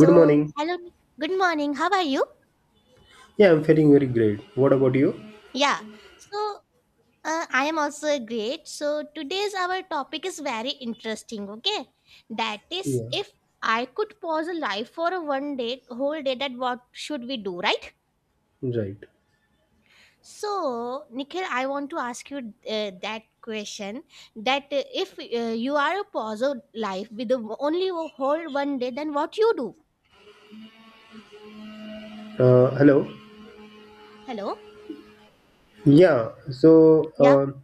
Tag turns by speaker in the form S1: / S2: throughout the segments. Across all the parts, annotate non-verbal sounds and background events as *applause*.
S1: Good morning.
S2: hello, good morning. How are you?
S1: Yeah, I'm feeling very great. What about you?
S2: Yeah. So, I am also great. So, today's our topic is very interesting. Okay, that is
S1: Yeah,
S2: if I could pause a life for a one day, whole day, that what should we do, right?
S1: right.
S2: So, Nikhil, I want to ask you that question. That if you are a pause of life with the, only a whole one day, then what you do?
S1: Hello.
S2: Hello.
S1: Yeah, so
S2: Yeah.
S1: um,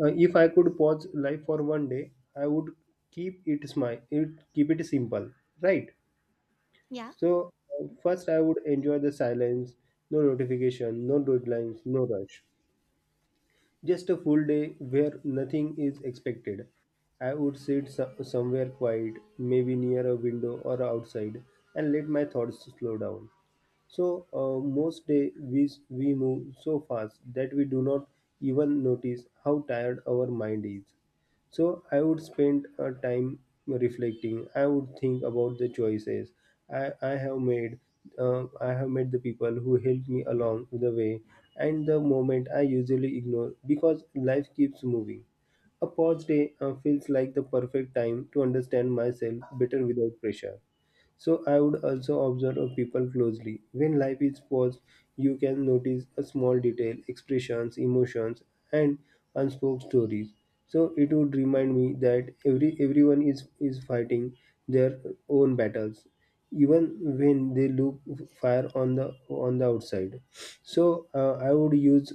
S1: uh, if I could pause life for 1 day, I would keep it simple, right?
S2: Yeah.
S1: So first, I would enjoy the silence, no notification, no deadlines, no rush. Just a full day where nothing is expected. I would sit somewhere quiet, maybe near a window or outside, and let my thoughts slow down. So most day we move so fast that we do not even notice how tired our mind is. So I would spend time reflecting. I would think about the choices I have made. I have met the people who helped me along the way and the moment I usually ignore because life keeps moving. A pause day feels like the perfect time to understand myself better without pressure. So I would also observe of people closely. When life is paused, you can notice a small detail, expressions, emotions, and unspoken stories. So it would remind me that everyone is fighting their own battles, even when they look fire on the outside. So I would use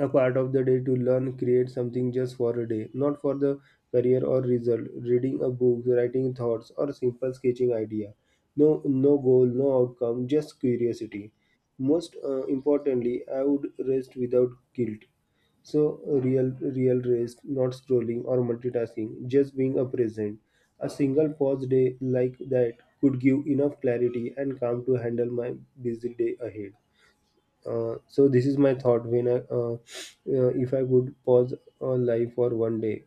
S1: a part of the day to learn, create something just for a day, not for the career or result. Reading a book, writing thoughts, or simple sketching idea. No, No goal, no outcome, just curiosity. Most importantly, I would rest without guilt. So real rest, not scrolling or multitasking, just being a present. A single pause day like that could give enough clarity and calm to handle my busy day ahead. So this is my thought when if I could pause life for 1 day.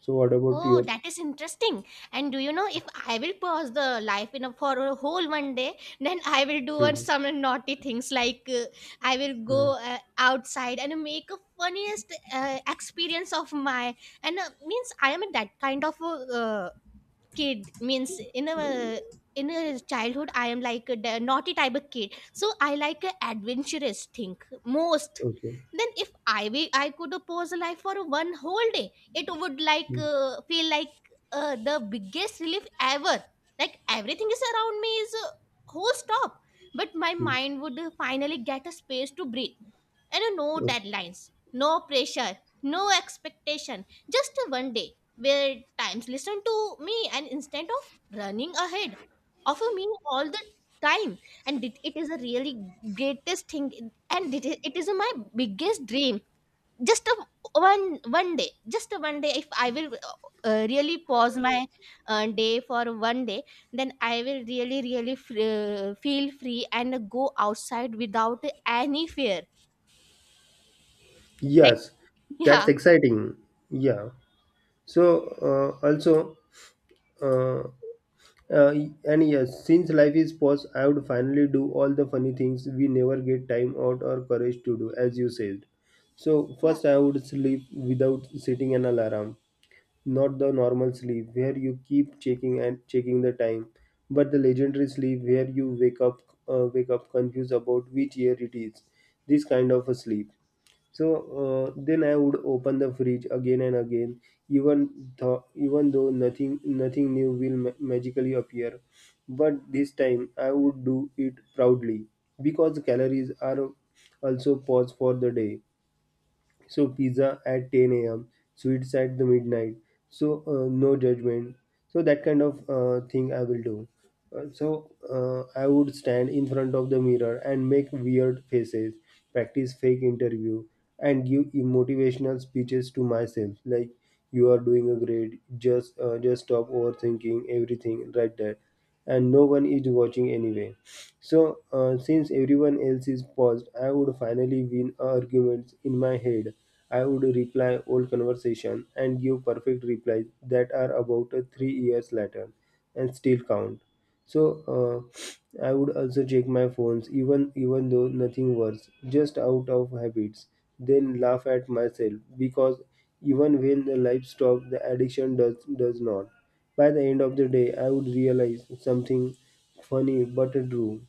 S1: So what about
S2: Oh,
S1: your?
S2: that is interesting. And do you know if I will pause the life in a, for a whole one day, then I will do on
S1: hmm
S2: some naughty things like I will
S1: hmm
S2: go outside and make a funniest experience of my, and means I am that kind of a kid, means in a in a childhood, I am like a naughty type of kid, so I like a adventurous thing most.
S1: Okay.
S2: Then if I be, I could pose life for one whole day, it would like feel like the biggest relief ever, like everything is around me is whole stop, but my
S1: Hmm.
S2: mind would finally get a space to breathe, and no
S1: Okay.
S2: deadlines, no pressure, no expectation, just one day where times listen to me and instead of running ahead of me all the time. And it is a really greatest thing, and it is my biggest dream, just a one one day just a one day. If I will really pause my day for one day, then I will really really feel free and go outside without any fear, right?
S1: Yes,
S2: Yeah,
S1: that's exciting. Yeah. So uh, also, uh, uh, and yes, since life is paused, I would finally do all the funny things we never get time out or courage to do, as you said. So
S2: yeah.
S1: first, I would sleep without setting an alarm. Not the normal sleep where you keep checking the time, but the legendary sleep where you wake up confused about which year it is. This kind of a sleep. So then I would open the fridge again and again, even though nothing new will magically appear, but this time I would do it proudly because calories are also pause for the day. So pizza at 10 a.m., sweets at the midnight. So no judgment. So that kind of thing I will do. So I would stand in front of the mirror and make weird faces, practice fake interview, and give motivational speeches to myself like you are doing a great just stop overthinking everything right there, and no one is watching anyway. So, since everyone else is paused, I would finally win arguments in my head. I would reply old conversation and give perfect replies that are about 3 years later and still count. So, I would also check my phones even though nothing works, just out of habits. Then laugh at myself because even when the life stops, the addiction does not. By the end of the day, I would realize something funny but true.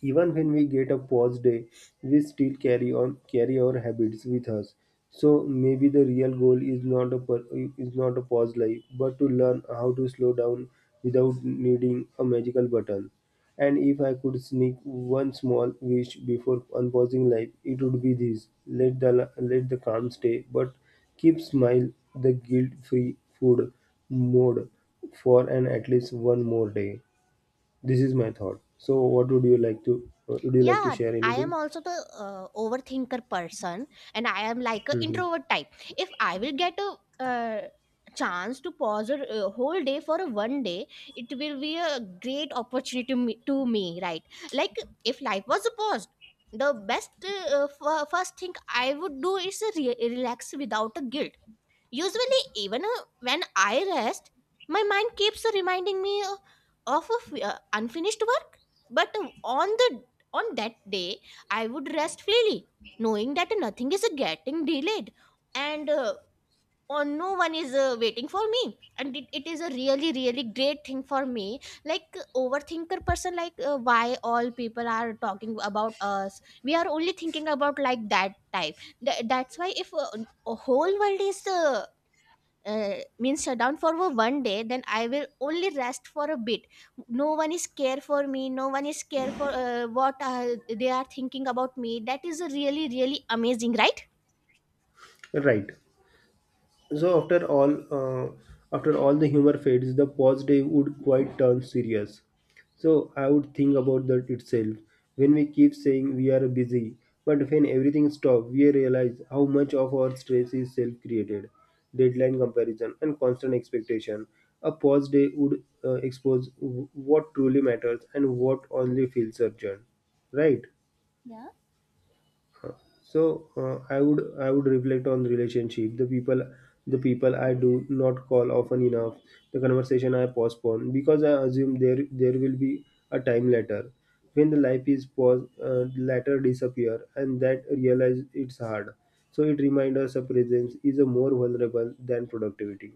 S1: Even when we get a pause day, we still carry our habits with us. So maybe the real goal is not a is not a pause life, but to learn how to slow down without needing a magical button. And if I could sneak one small wish before unpausing life, it would be this: let the let the calm stay, but keep smile, the guilt free food mode, for an at least one more day. This is my thought. So, what would you like to? Would you like to
S2: Yeah,
S1: share
S2: I am
S1: anything?
S2: also the overthinker person, and I am like a
S1: hmm
S2: introvert type. If I will get a uh, chance to pause a whole day for a one day, it will be a great opportunity to me, right? Like, if life was paused, the best first thing I would do is relax without a guilt. Usually, even when I rest, my mind keeps reminding me of unfinished work. But on the on that day, I would rest freely, knowing that nothing is getting delayed, and on no one is waiting for me. And it is a really really great thing for me. Like overthinker person, like why all people are talking about us. We are only thinking about like that type. That's why if a whole world is means shut down for a one day, then I will only rest for a bit. No one is care for me, no one is care for what they are thinking about me. That is a really really amazing, right?
S1: Right. So uh, after all the humor fades, the pause day would quite turn serious. So I would think about that itself. When we keep saying we are busy, but when everything stops, we realize how much of our stress is self-created. Deadline comparison and constant expectation. A pause day would expose what truly matters and what only feels urgent. Right?
S2: Yeah.
S1: So I would reflect on the relationship, the people I do not call often enough, the conversation I postpone because I assume there will be a time later. When the life is pause later disappear and that realize it's hard. So it reminds us a presence is a more vulnerable than productivity.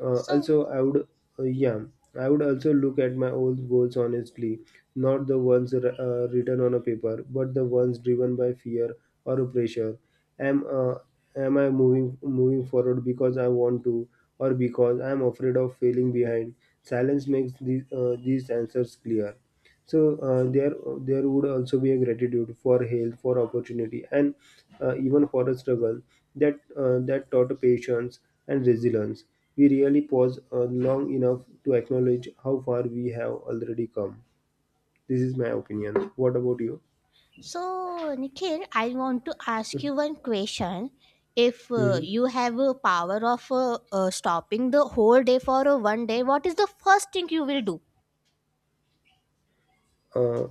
S1: uh,
S2: so
S1: also, I would, yeah, I would also look at my old goals honestly, not the ones written on a paper, but the ones driven by fear or pressure. Am uh, am I moving forward because I want to, or because I am afraid of failing behind? Silence makes these answers clear. So there would also be a gratitude for health, for opportunity, and even for a struggle that taught patience and resilience. We really pause long enough to acknowledge how far we have already come. This is my opinion. What about you?
S2: so, Nikhil, I want to ask you one question. If
S1: hmm
S2: you have a power of stopping the whole day for a one day, what is the first thing you will do?
S1: Uh,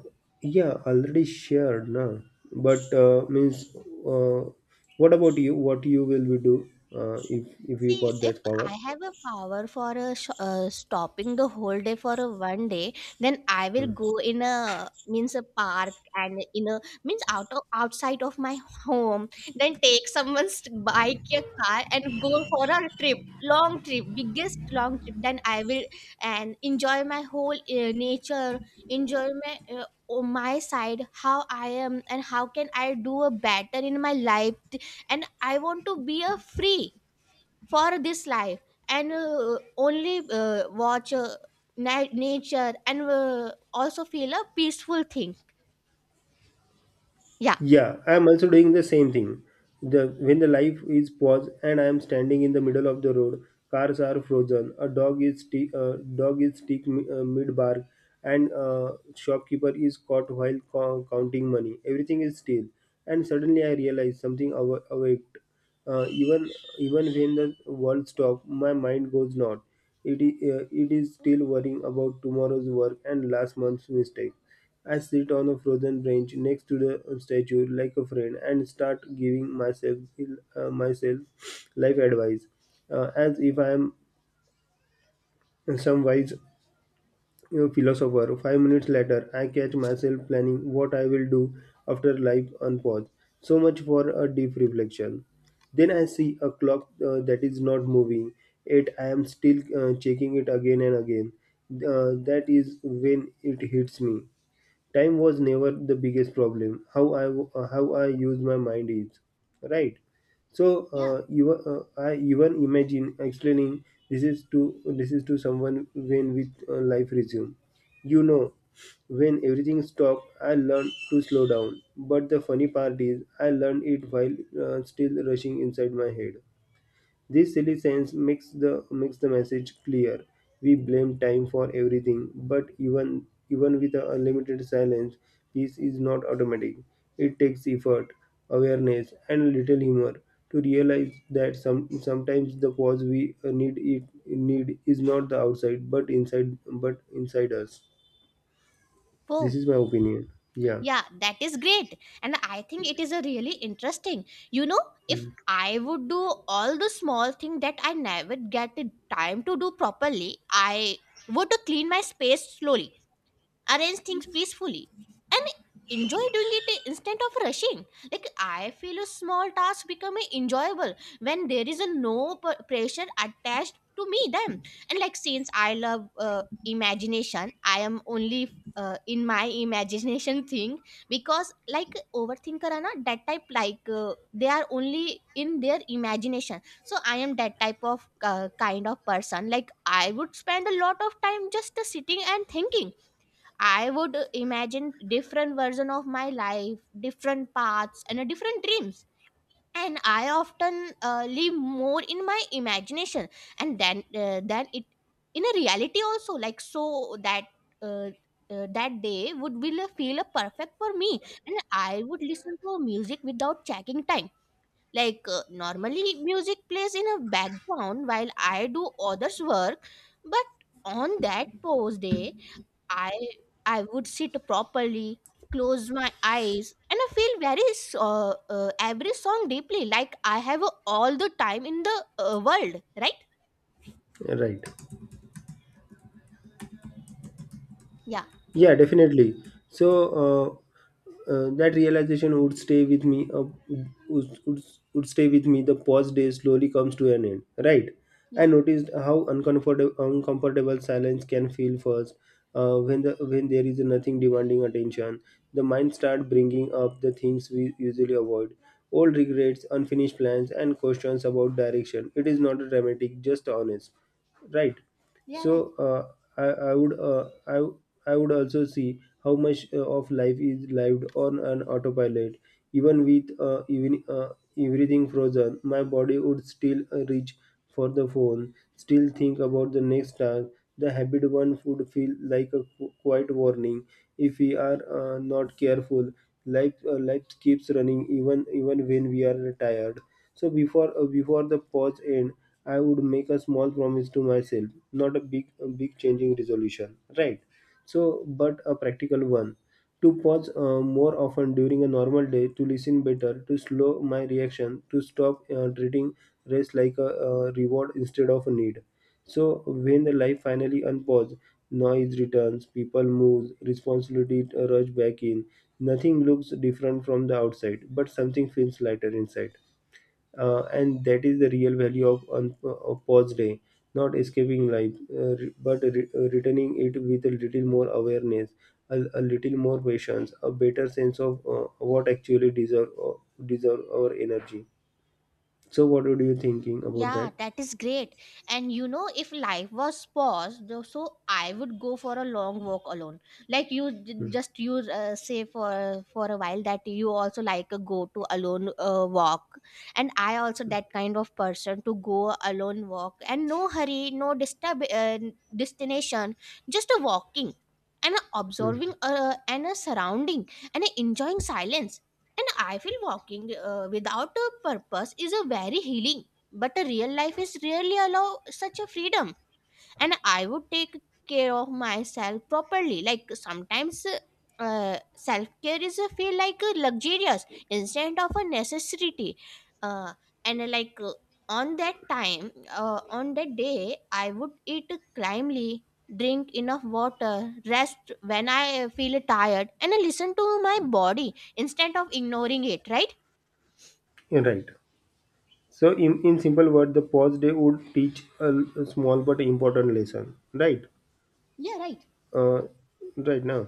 S1: yeah, already shared, na. But means, uh, what about you? What you will be do if you
S2: See,
S1: got
S2: if
S1: that
S2: I
S1: power?
S2: have a power for a stopping the whole day for a one day, then I will
S1: Hmm.
S2: go in a means a park and in a means out of outside of my home. Then take someone's bike, a car, and go for a trip, long trip, biggest long trip. Then I will and enjoy my whole nature, enjoy my. Oh, my side how I am and how can I do a better in my life, and I want to be a free for this life, and only watch nature and also feel a peaceful thing. Yeah.
S1: Yeah, I am also doing the same thing. The when the life is paused and I am standing in the middle of the road, cars are frozen. A dog is dog is stick mid bark, and shopkeeper is caught while counting money. Everything is still, and suddenly I realize something awaked. Uh, even even when the world stops, my mind goes not. It is still worrying about tomorrow's work and last month's mistake. I sit on a frozen bench next to the statue like a friend and start giving myself myself life advice as if I am some wise you philosopher. 5 minutes later, I catch myself planning what I will do after life unpause. So much for a deep reflection. Then I see a clock that is not moving, yet I am still checking it again and again. That is when it hits me. Time was never the biggest problem. How I use my mind is right. So
S2: Yeah.
S1: I even imagine explaining this is to someone when with life resume. You know, when everything stopped, I learned to slow down. But the funny part is, I learned it while still rushing inside my head. This silly sense makes the message clear. We blame time for everything, but even with a unlimited silence, peace is not automatic. It takes effort, awareness, and a little humor to realize that sometimes the pause we need is not the outside, but inside us. This
S2: Oh,
S1: is my opinion. Yeah,
S2: yeah, that is great. And I think it is a really interesting. You know, if
S1: Hmm.
S2: I would do all the small thing that I never get the time to do properly, I would to clean my space slowly, arrange things peacefully, and enjoy doing it instead of rushing. Like, I feel a small task become enjoyable when there is a no pressure attached to me them. And like, since I love imagination, I am only in my imagination *laughs* thing, because like overthinker are not that type, like they are only in their imagination. So I am that type of kind of person, like I would spend a lot of time just sitting and thinking. I would imagine different version of my life, different paths, and different dreams. And I often live more in my imagination, and then than it in a reality also. Like, so that uh, that day would will feel perfect for me, and I would listen to music without checking time. Like normally, music plays in a background while I do others' work, but on that pause day I I would sit properly, close my eyes, and I feel very every song deeply, like I have all the time in the world, right?
S1: right.
S2: Yeah,
S1: Yeah, definitely. So that realization would stay with me. Would, would, would stay with me. The pause day slowly comes to an end. Right. I
S2: yeah,
S1: noticed how uncomfortable silence can feel first. When there is nothing demanding attention, the mind starts bringing up the things we usually avoid. Old regrets, unfinished plans, and questions about direction. It is not dramatic, just honest. Right.
S2: yeah, right.
S1: So I would also see how much of life is lived on an autopilot. Even with even Everything frozen, my body would still reach for the phone, still think about the next task. The habit one would feel like a quiet warning. If we are not careful, life keeps running even when we are tired. So before the pause end, I would make a small promise to myself, not a big a big changing resolution, right? So, but a practical one, to pause more often during a normal day, to listen better, to slow my reaction, to stop treating rest like a, reward instead of a need. So when the life finally unpause, noise returns, people move, responsibility rush back in. Nothing looks different from the outside, but something feels lighter inside, and that is the real value of of pause day, not escaping life but returning it with a little more awareness, a little more patience, a better sense of what actually deserve deserve our energy. So what would you thinking about
S2: Yeah,
S1: that?
S2: that is great. And you know, if life was paused, though, so I would go for a long walk alone. Like you, just you say for a while that you also like a go to alone walk, and I also that kind of person to go alone walk, and no hurry, no disturb destination, just a walking and a
S1: Hmm.
S2: observing and a surrounding and a enjoying silence. And I feel walking without a purpose is a very healing, but a real life is rarely allow such a freedom. And I would take care of myself properly. Like sometimes self care is a feel like a luxurious instead of a necessity. Uh, and Like on that time on that day, I would eat calmly, drink enough water, rest when I feel tired, and listen to my body instead of ignoring it, right?
S1: Yeah, right. So in simple word the pause day would teach a small but important lesson, right?
S2: Yeah.
S1: uh, right now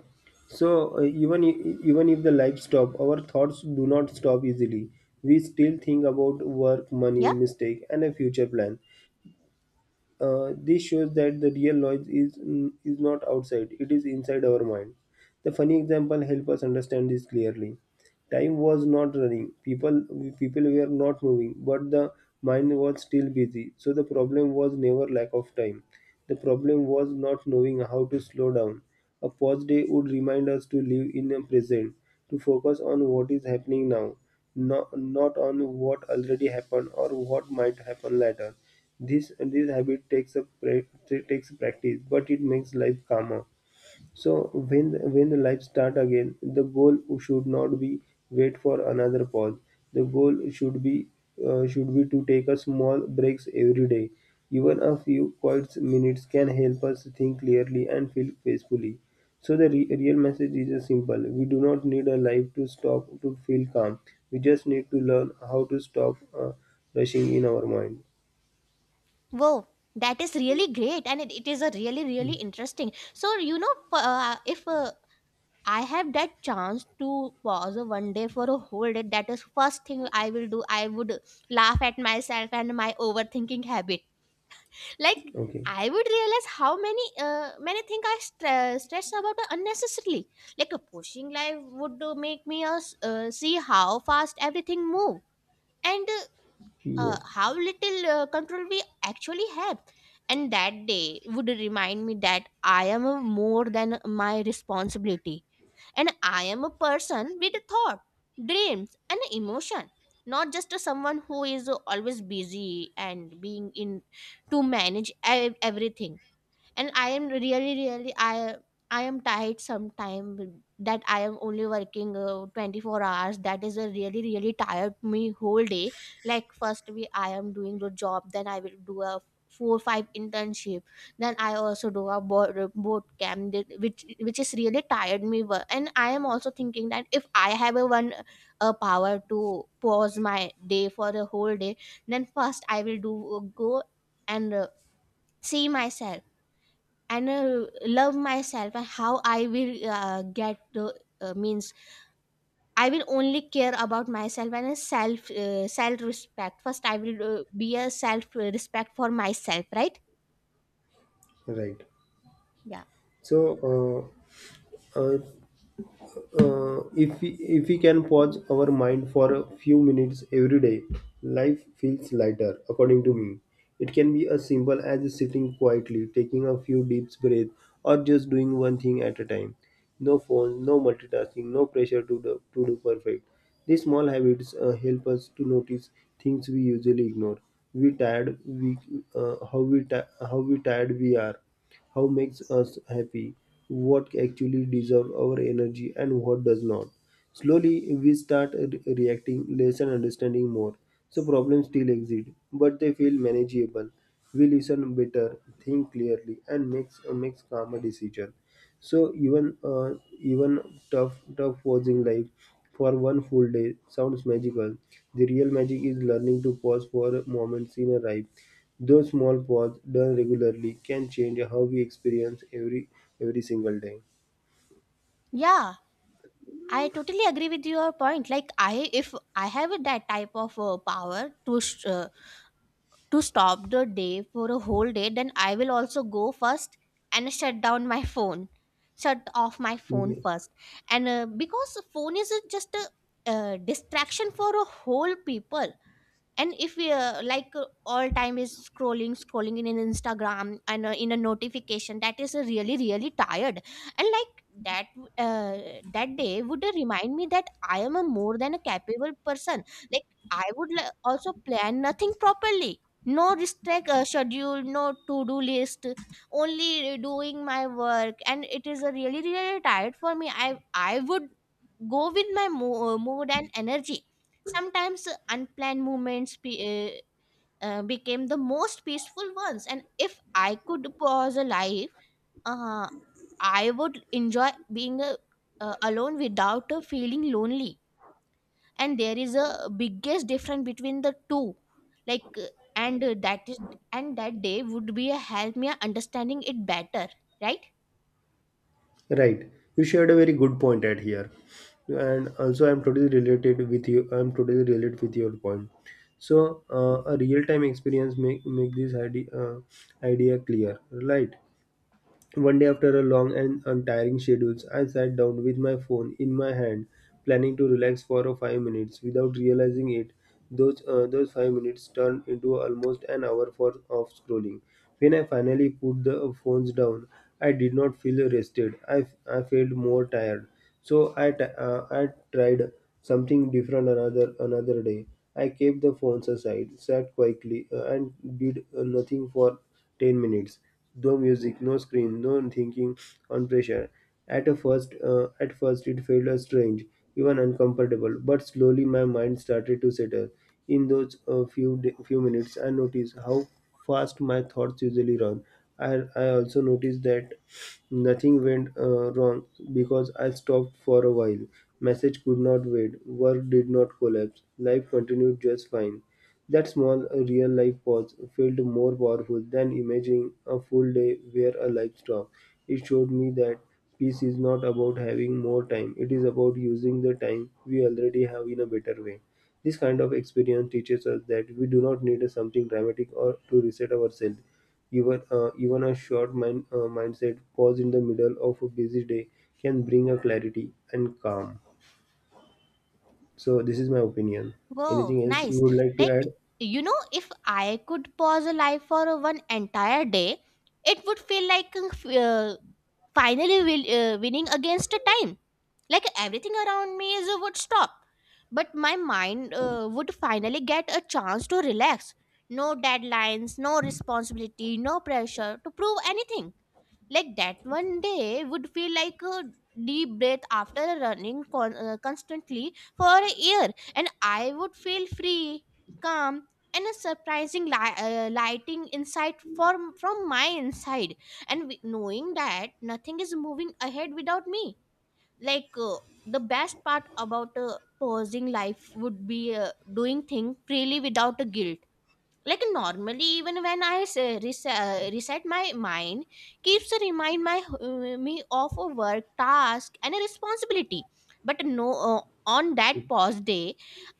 S1: So even if the life stop our thoughts do not stop easily. We still think about work, money,
S2: Yeah.
S1: mistake and a future plan. This shows that the real noise is not outside, it is inside our mind. The funny example help us understand this clearly. Time was not running, people people were not moving, but the mind was still busy. So the problem was never lack of time, the problem was not knowing how to slow down. A pause day would remind us to live in the present, to focus on what is happening now, not on what already happened or what might happen later. This habit takes practice, but it makes life calmer. So when the life start again, the goal should not be wait for another pause. The goal should be to take a small breaks every day. Even a few quiet minutes can help us think clearly and feel peacefully. So real message is simple. We do not need a life to stop to feel calm. We just need to learn how to stop rushing in our mind.
S2: Wow, that is really great, and it is a really really interesting. So you know, if I have that chance to pause one day for a whole day, that is first thing I will do. I would laugh at myself and my overthinking habit. Like,
S1: Okay.
S2: I would realize how many things I stress about unnecessarily. Like a pushing life would make me see how fast everything move. And
S1: Yes.
S2: how little control we actually have. And that day would remind me that I am a more than my responsibility, and I am a person with a thought, dreams, and emotion, not just a someone who is always busy and being in to manage everything. And I am really really I am tired sometime that I am only working 24 hours. That is a really really tired me whole day. Like first we I am doing the job, then I will do a 4 5 internship, then I also do a board camp which is really tired me and I am also thinking that if I have a one, a power to pause my day for a whole day, then first I will do go and see myself and love myself, and how I will get the means I will only care about myself and a self, self respect. First I will be a self, respect for myself, right?
S1: Right.
S2: Yeah.
S1: So, uh, uh, if we can pause our mind for a few minutes every day, life feels lighter according to me. It can be as simple as sitting quietly, taking a few deep breaths, or just doing one thing at a time. No phone, no multitasking, no pressure to do perfect. These small habits help us to notice things we usually ignore. We tired we how we ti- How we tired we are, how makes us happy, what actually deserves our energy, and what does not. Slowly, we start reacting less and understanding more. So, problems still exist, but they feel manageable. We listen better, think clearly, and makes calmer decision. So even tough posing life for one full day sounds magical. The real magic is learning to pause for a moment in a ride. Those small pause done regularly can change how we experience every single day.
S2: Yeah, I totally agree with your point. Like, I if I have that type of power to to stop the day for a whole day, then I will also go first and shut down my phone, shut off my phone
S1: Yes.
S2: first. And because phone is a just a distraction for a whole people. And if we like all time is scrolling scrolling in an Instagram and in a notification, that is really really tired. And like that uh, that day would remind me that I am a more than a capable person. Like, I would also plan nothing properly, no restrict schedule, no to do list, only doing my work, and it is a really really tired for me. I would go with my mood and energy. Sometimes unplanned moments became the most peaceful ones. And if I could pause a life, uh, I would enjoy being alone without feeling lonely. And there is a biggest difference between the two. Like, and that is, and that day would be a help me understanding it better, right?
S1: Right. You shared a very good point at here. And also I'm totally related with your point. So a real time experience make this idea clear, right? One day, after a long and untiring schedule, I sat down with my phone in my hand, planning to relax for a five minutes. Without realizing it, those five minutes turned into almost an hour for of scrolling. When I finally put the phones down, I did not feel rested. I felt more tired. So I tried something different another day. I kept the phones aside, sat quietly, and did nothing for 10 minutes. No music, no screen, no thinking on pressure. At first it felt strange, even uncomfortable. But slowly my mind started to settle. In few minutes, I noticed how fast my thoughts usually run. I also noticed that nothing went wrong because I stopped for a while. Message could not wait. Work did not collapse. Life continued just fine. That small, real-life pause felt more powerful than imagining a full day where a life stopped. It showed me that peace is not about having more time, it is about using the time we already have in a better way. This kind of experience teaches us that we do not need something dramatic or to reset ourselves. Even a short mindset pause in the middle of a busy day can bring a clarity and calm. So this is my opinion.
S2: Whoa,
S1: Anything else you
S2: nice.
S1: would like to
S2: Like,
S1: add?
S2: you know, if I could pause a life for one entire day, it would feel like finally will, winning against the time. Like, everything around me is, would stop. But my mind would finally get a chance to relax. No deadlines, no responsibility, no pressure to prove anything like that one day would feel like a deep breath after running constantly for a year. And I would feel free, calm, and a surprising lighting insight from my inside. And knowing that nothing is moving ahead without me. like uh, the best part about pausing life would be doing things freely without a guilt. Like normally, even when I reset my mind keeps a remind my me of a work task and a responsibility. But no, on that pause day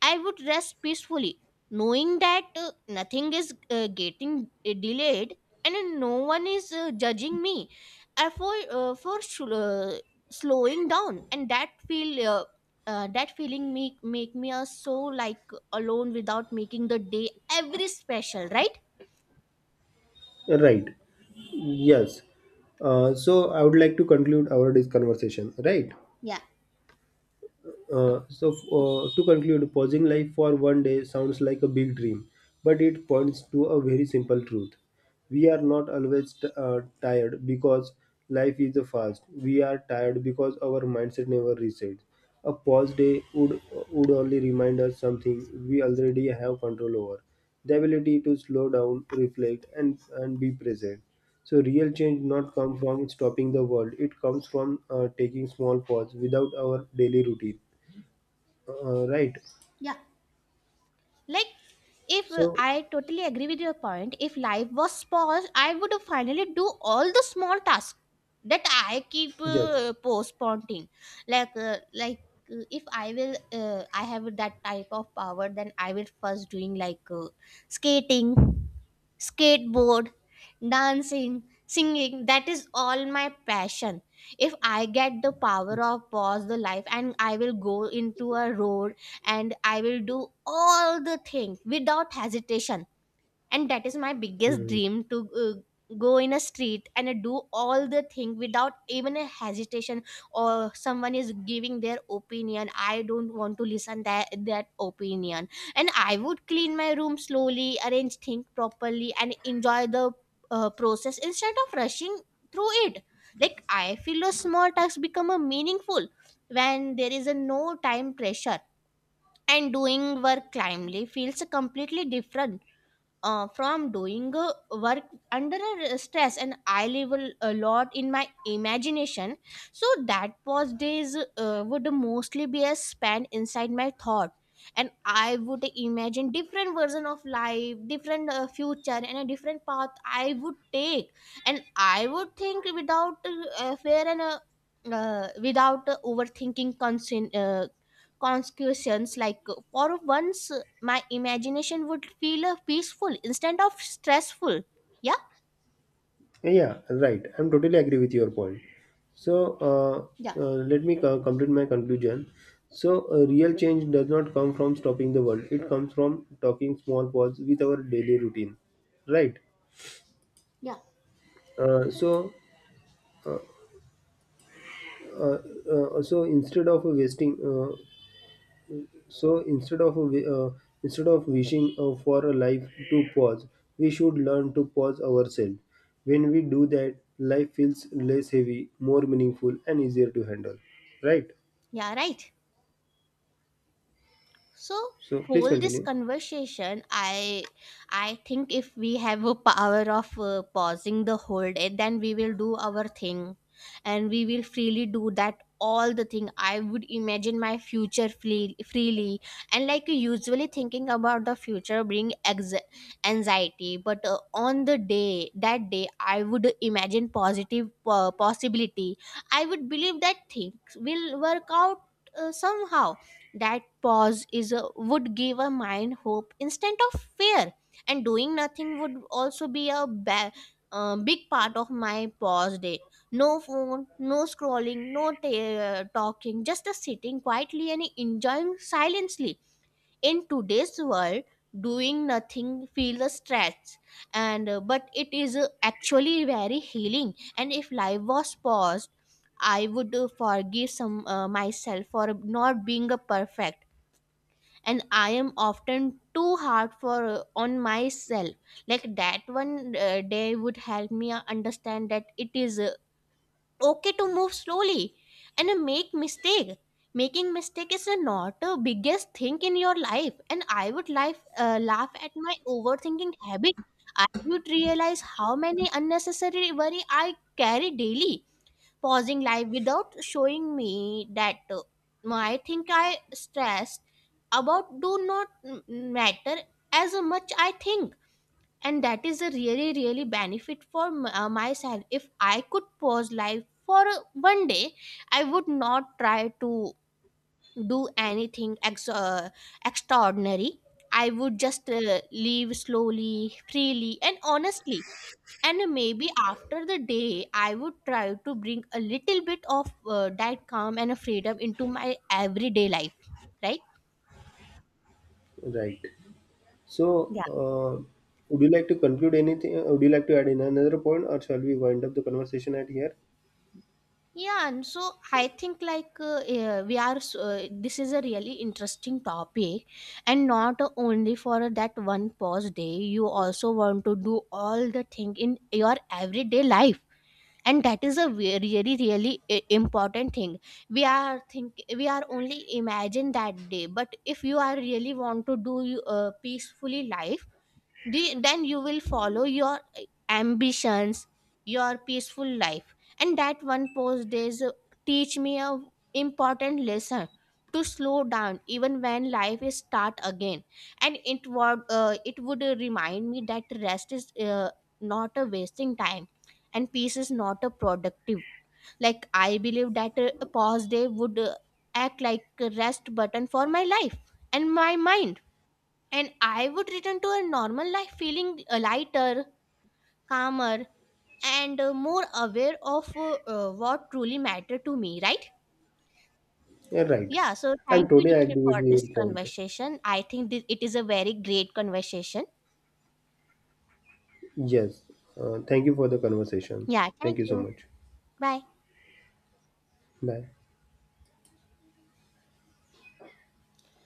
S2: I would rest peacefully, knowing that nothing is getting delayed, and no one is judging me, for uh, for sl- uh, slowing down. And that feel that feeling make make me so, like, alone without making the day every special, right?
S1: Right. Yes. So I would like to conclude our this conversation, right?
S2: Yeah.
S1: So, to conclude, pausing life for one day sounds like a big dream, but it points to a very simple truth. We are not always tired because life is fast. We are tired because our mindset never resets. A pause day would only remind us something we already have control over, the ability to slow down, reflect, and be present. So real change not come from stopping the world. It comes from taking small pause without our daily routine. Right.
S2: Yeah. Like, if
S1: So,
S2: I totally agree with your point, if life was paused, I would finally do all the small tasks that I keep
S1: yes.
S2: postponing. Like, if I will, I have that type of power, then I will first doing like skating, skateboard, dancing, singing. That is all my passion. If I get the power of pause the life, and I will go into a road and I will do all the thing without hesitation. And that is my biggest
S1: Hmm.
S2: dream to go in a street and do all the thing without even a hesitation, or someone is giving their opinion. I don't want to listen that opinion. And I would clean my room slowly, arrange things properly, and enjoy the process instead of rushing through it. Like I feel a small task become a meaningful when there is a no time pressure, and doing work calmly feels completely different from doing work under a stress. And I live a lot in my imagination, so that pause days would mostly be a span inside my thought. And I would imagine different version of life, different future, and a different path I would take. And I would think without fear and without overthinking concern, consequences. Like for once my imagination would feel peaceful instead of stressful. Yeah.
S1: Yeah, right. I'm totally agree with your point. So, let me complete my conclusion. So, real change does not come from stopping the world. It comes from talking small pause with our daily routine. Right. So, uh, so instead of wasting So instead of wishing for a life to pause, we should learn to pause ourselves. When we do that, life feels less heavy, more meaningful, and easier to handle. Right.
S2: Yeah, right. So
S1: So please
S2: whole this
S1: continue.
S2: conversation, I think if we have a power of pausing the whole day, then we will do our thing and we will freely do that all the thing. I would imagine my future freely. And like usually thinking about the future bring anxiety, but on the day, that day I would imagine positive possibility. I would believe that things will work out somehow. That pause is a, would give a mind hope instead of fear. And doing nothing would also be a big part of my pause day. No phone, no scrolling, no talking, just a sitting quietly and enjoying silently. In today's world, doing nothing feels a stretch, and but it is actually very healing. And if life was paused, I would forgive some myself for not being a perfect. And I am often too hard for on myself. Like that one day would help me understand that it is okay to move slowly and make mistake. Making mistake is not the biggest thing in your life. And I would life laugh at my overthinking habit. I would realize how many unnecessary worry I carry daily. Pausing life without showing me that I think I stressed about do not matter as much I think. And that is a really really benefit for myself. If I could pause life for one day, I would not try to do anything extraordinary. I would just leave slowly, freely, and honestly. And maybe after the day I would try to bring a little bit of that calm and freedom into my everyday life, right?
S1: Right. So
S2: Yeah.
S1: would you like to conclude anything? Uh, would you like to add in another point, or shall we wind up the conversation at here?
S2: Yeah, and so I think like we are s- this is a really interesting topic, and not only for that one pause day, you also want to do all the thing in your everyday life. And that is a really really important thing. We are think we are only imagine that day, but if you are really want to do peacefully life, do then you will follow your ambitions, your peaceful life. And that one post days teach me a important lesson to slow down even when life is start again. And it would remind me that rest is not a wasting time, and peace is not a productive. Like I believe that a pause day would act like a rest button for my life and my mind. And I would return to a normal life feeling lighter, calmer, and more aware of what truly mattered to me, right?
S1: Yeah, right.
S2: Yeah, so
S1: And
S2: thank you,
S1: today I
S2: Nikhil,
S1: agree with
S2: for
S1: your
S2: this
S1: point.
S2: conversation. I think this, it is a very great conversation.
S1: Yes. Thank you for the conversation.
S2: Yeah,
S1: Thank
S2: thank
S1: you so
S2: you.
S1: much.
S2: Bye.
S1: Bye.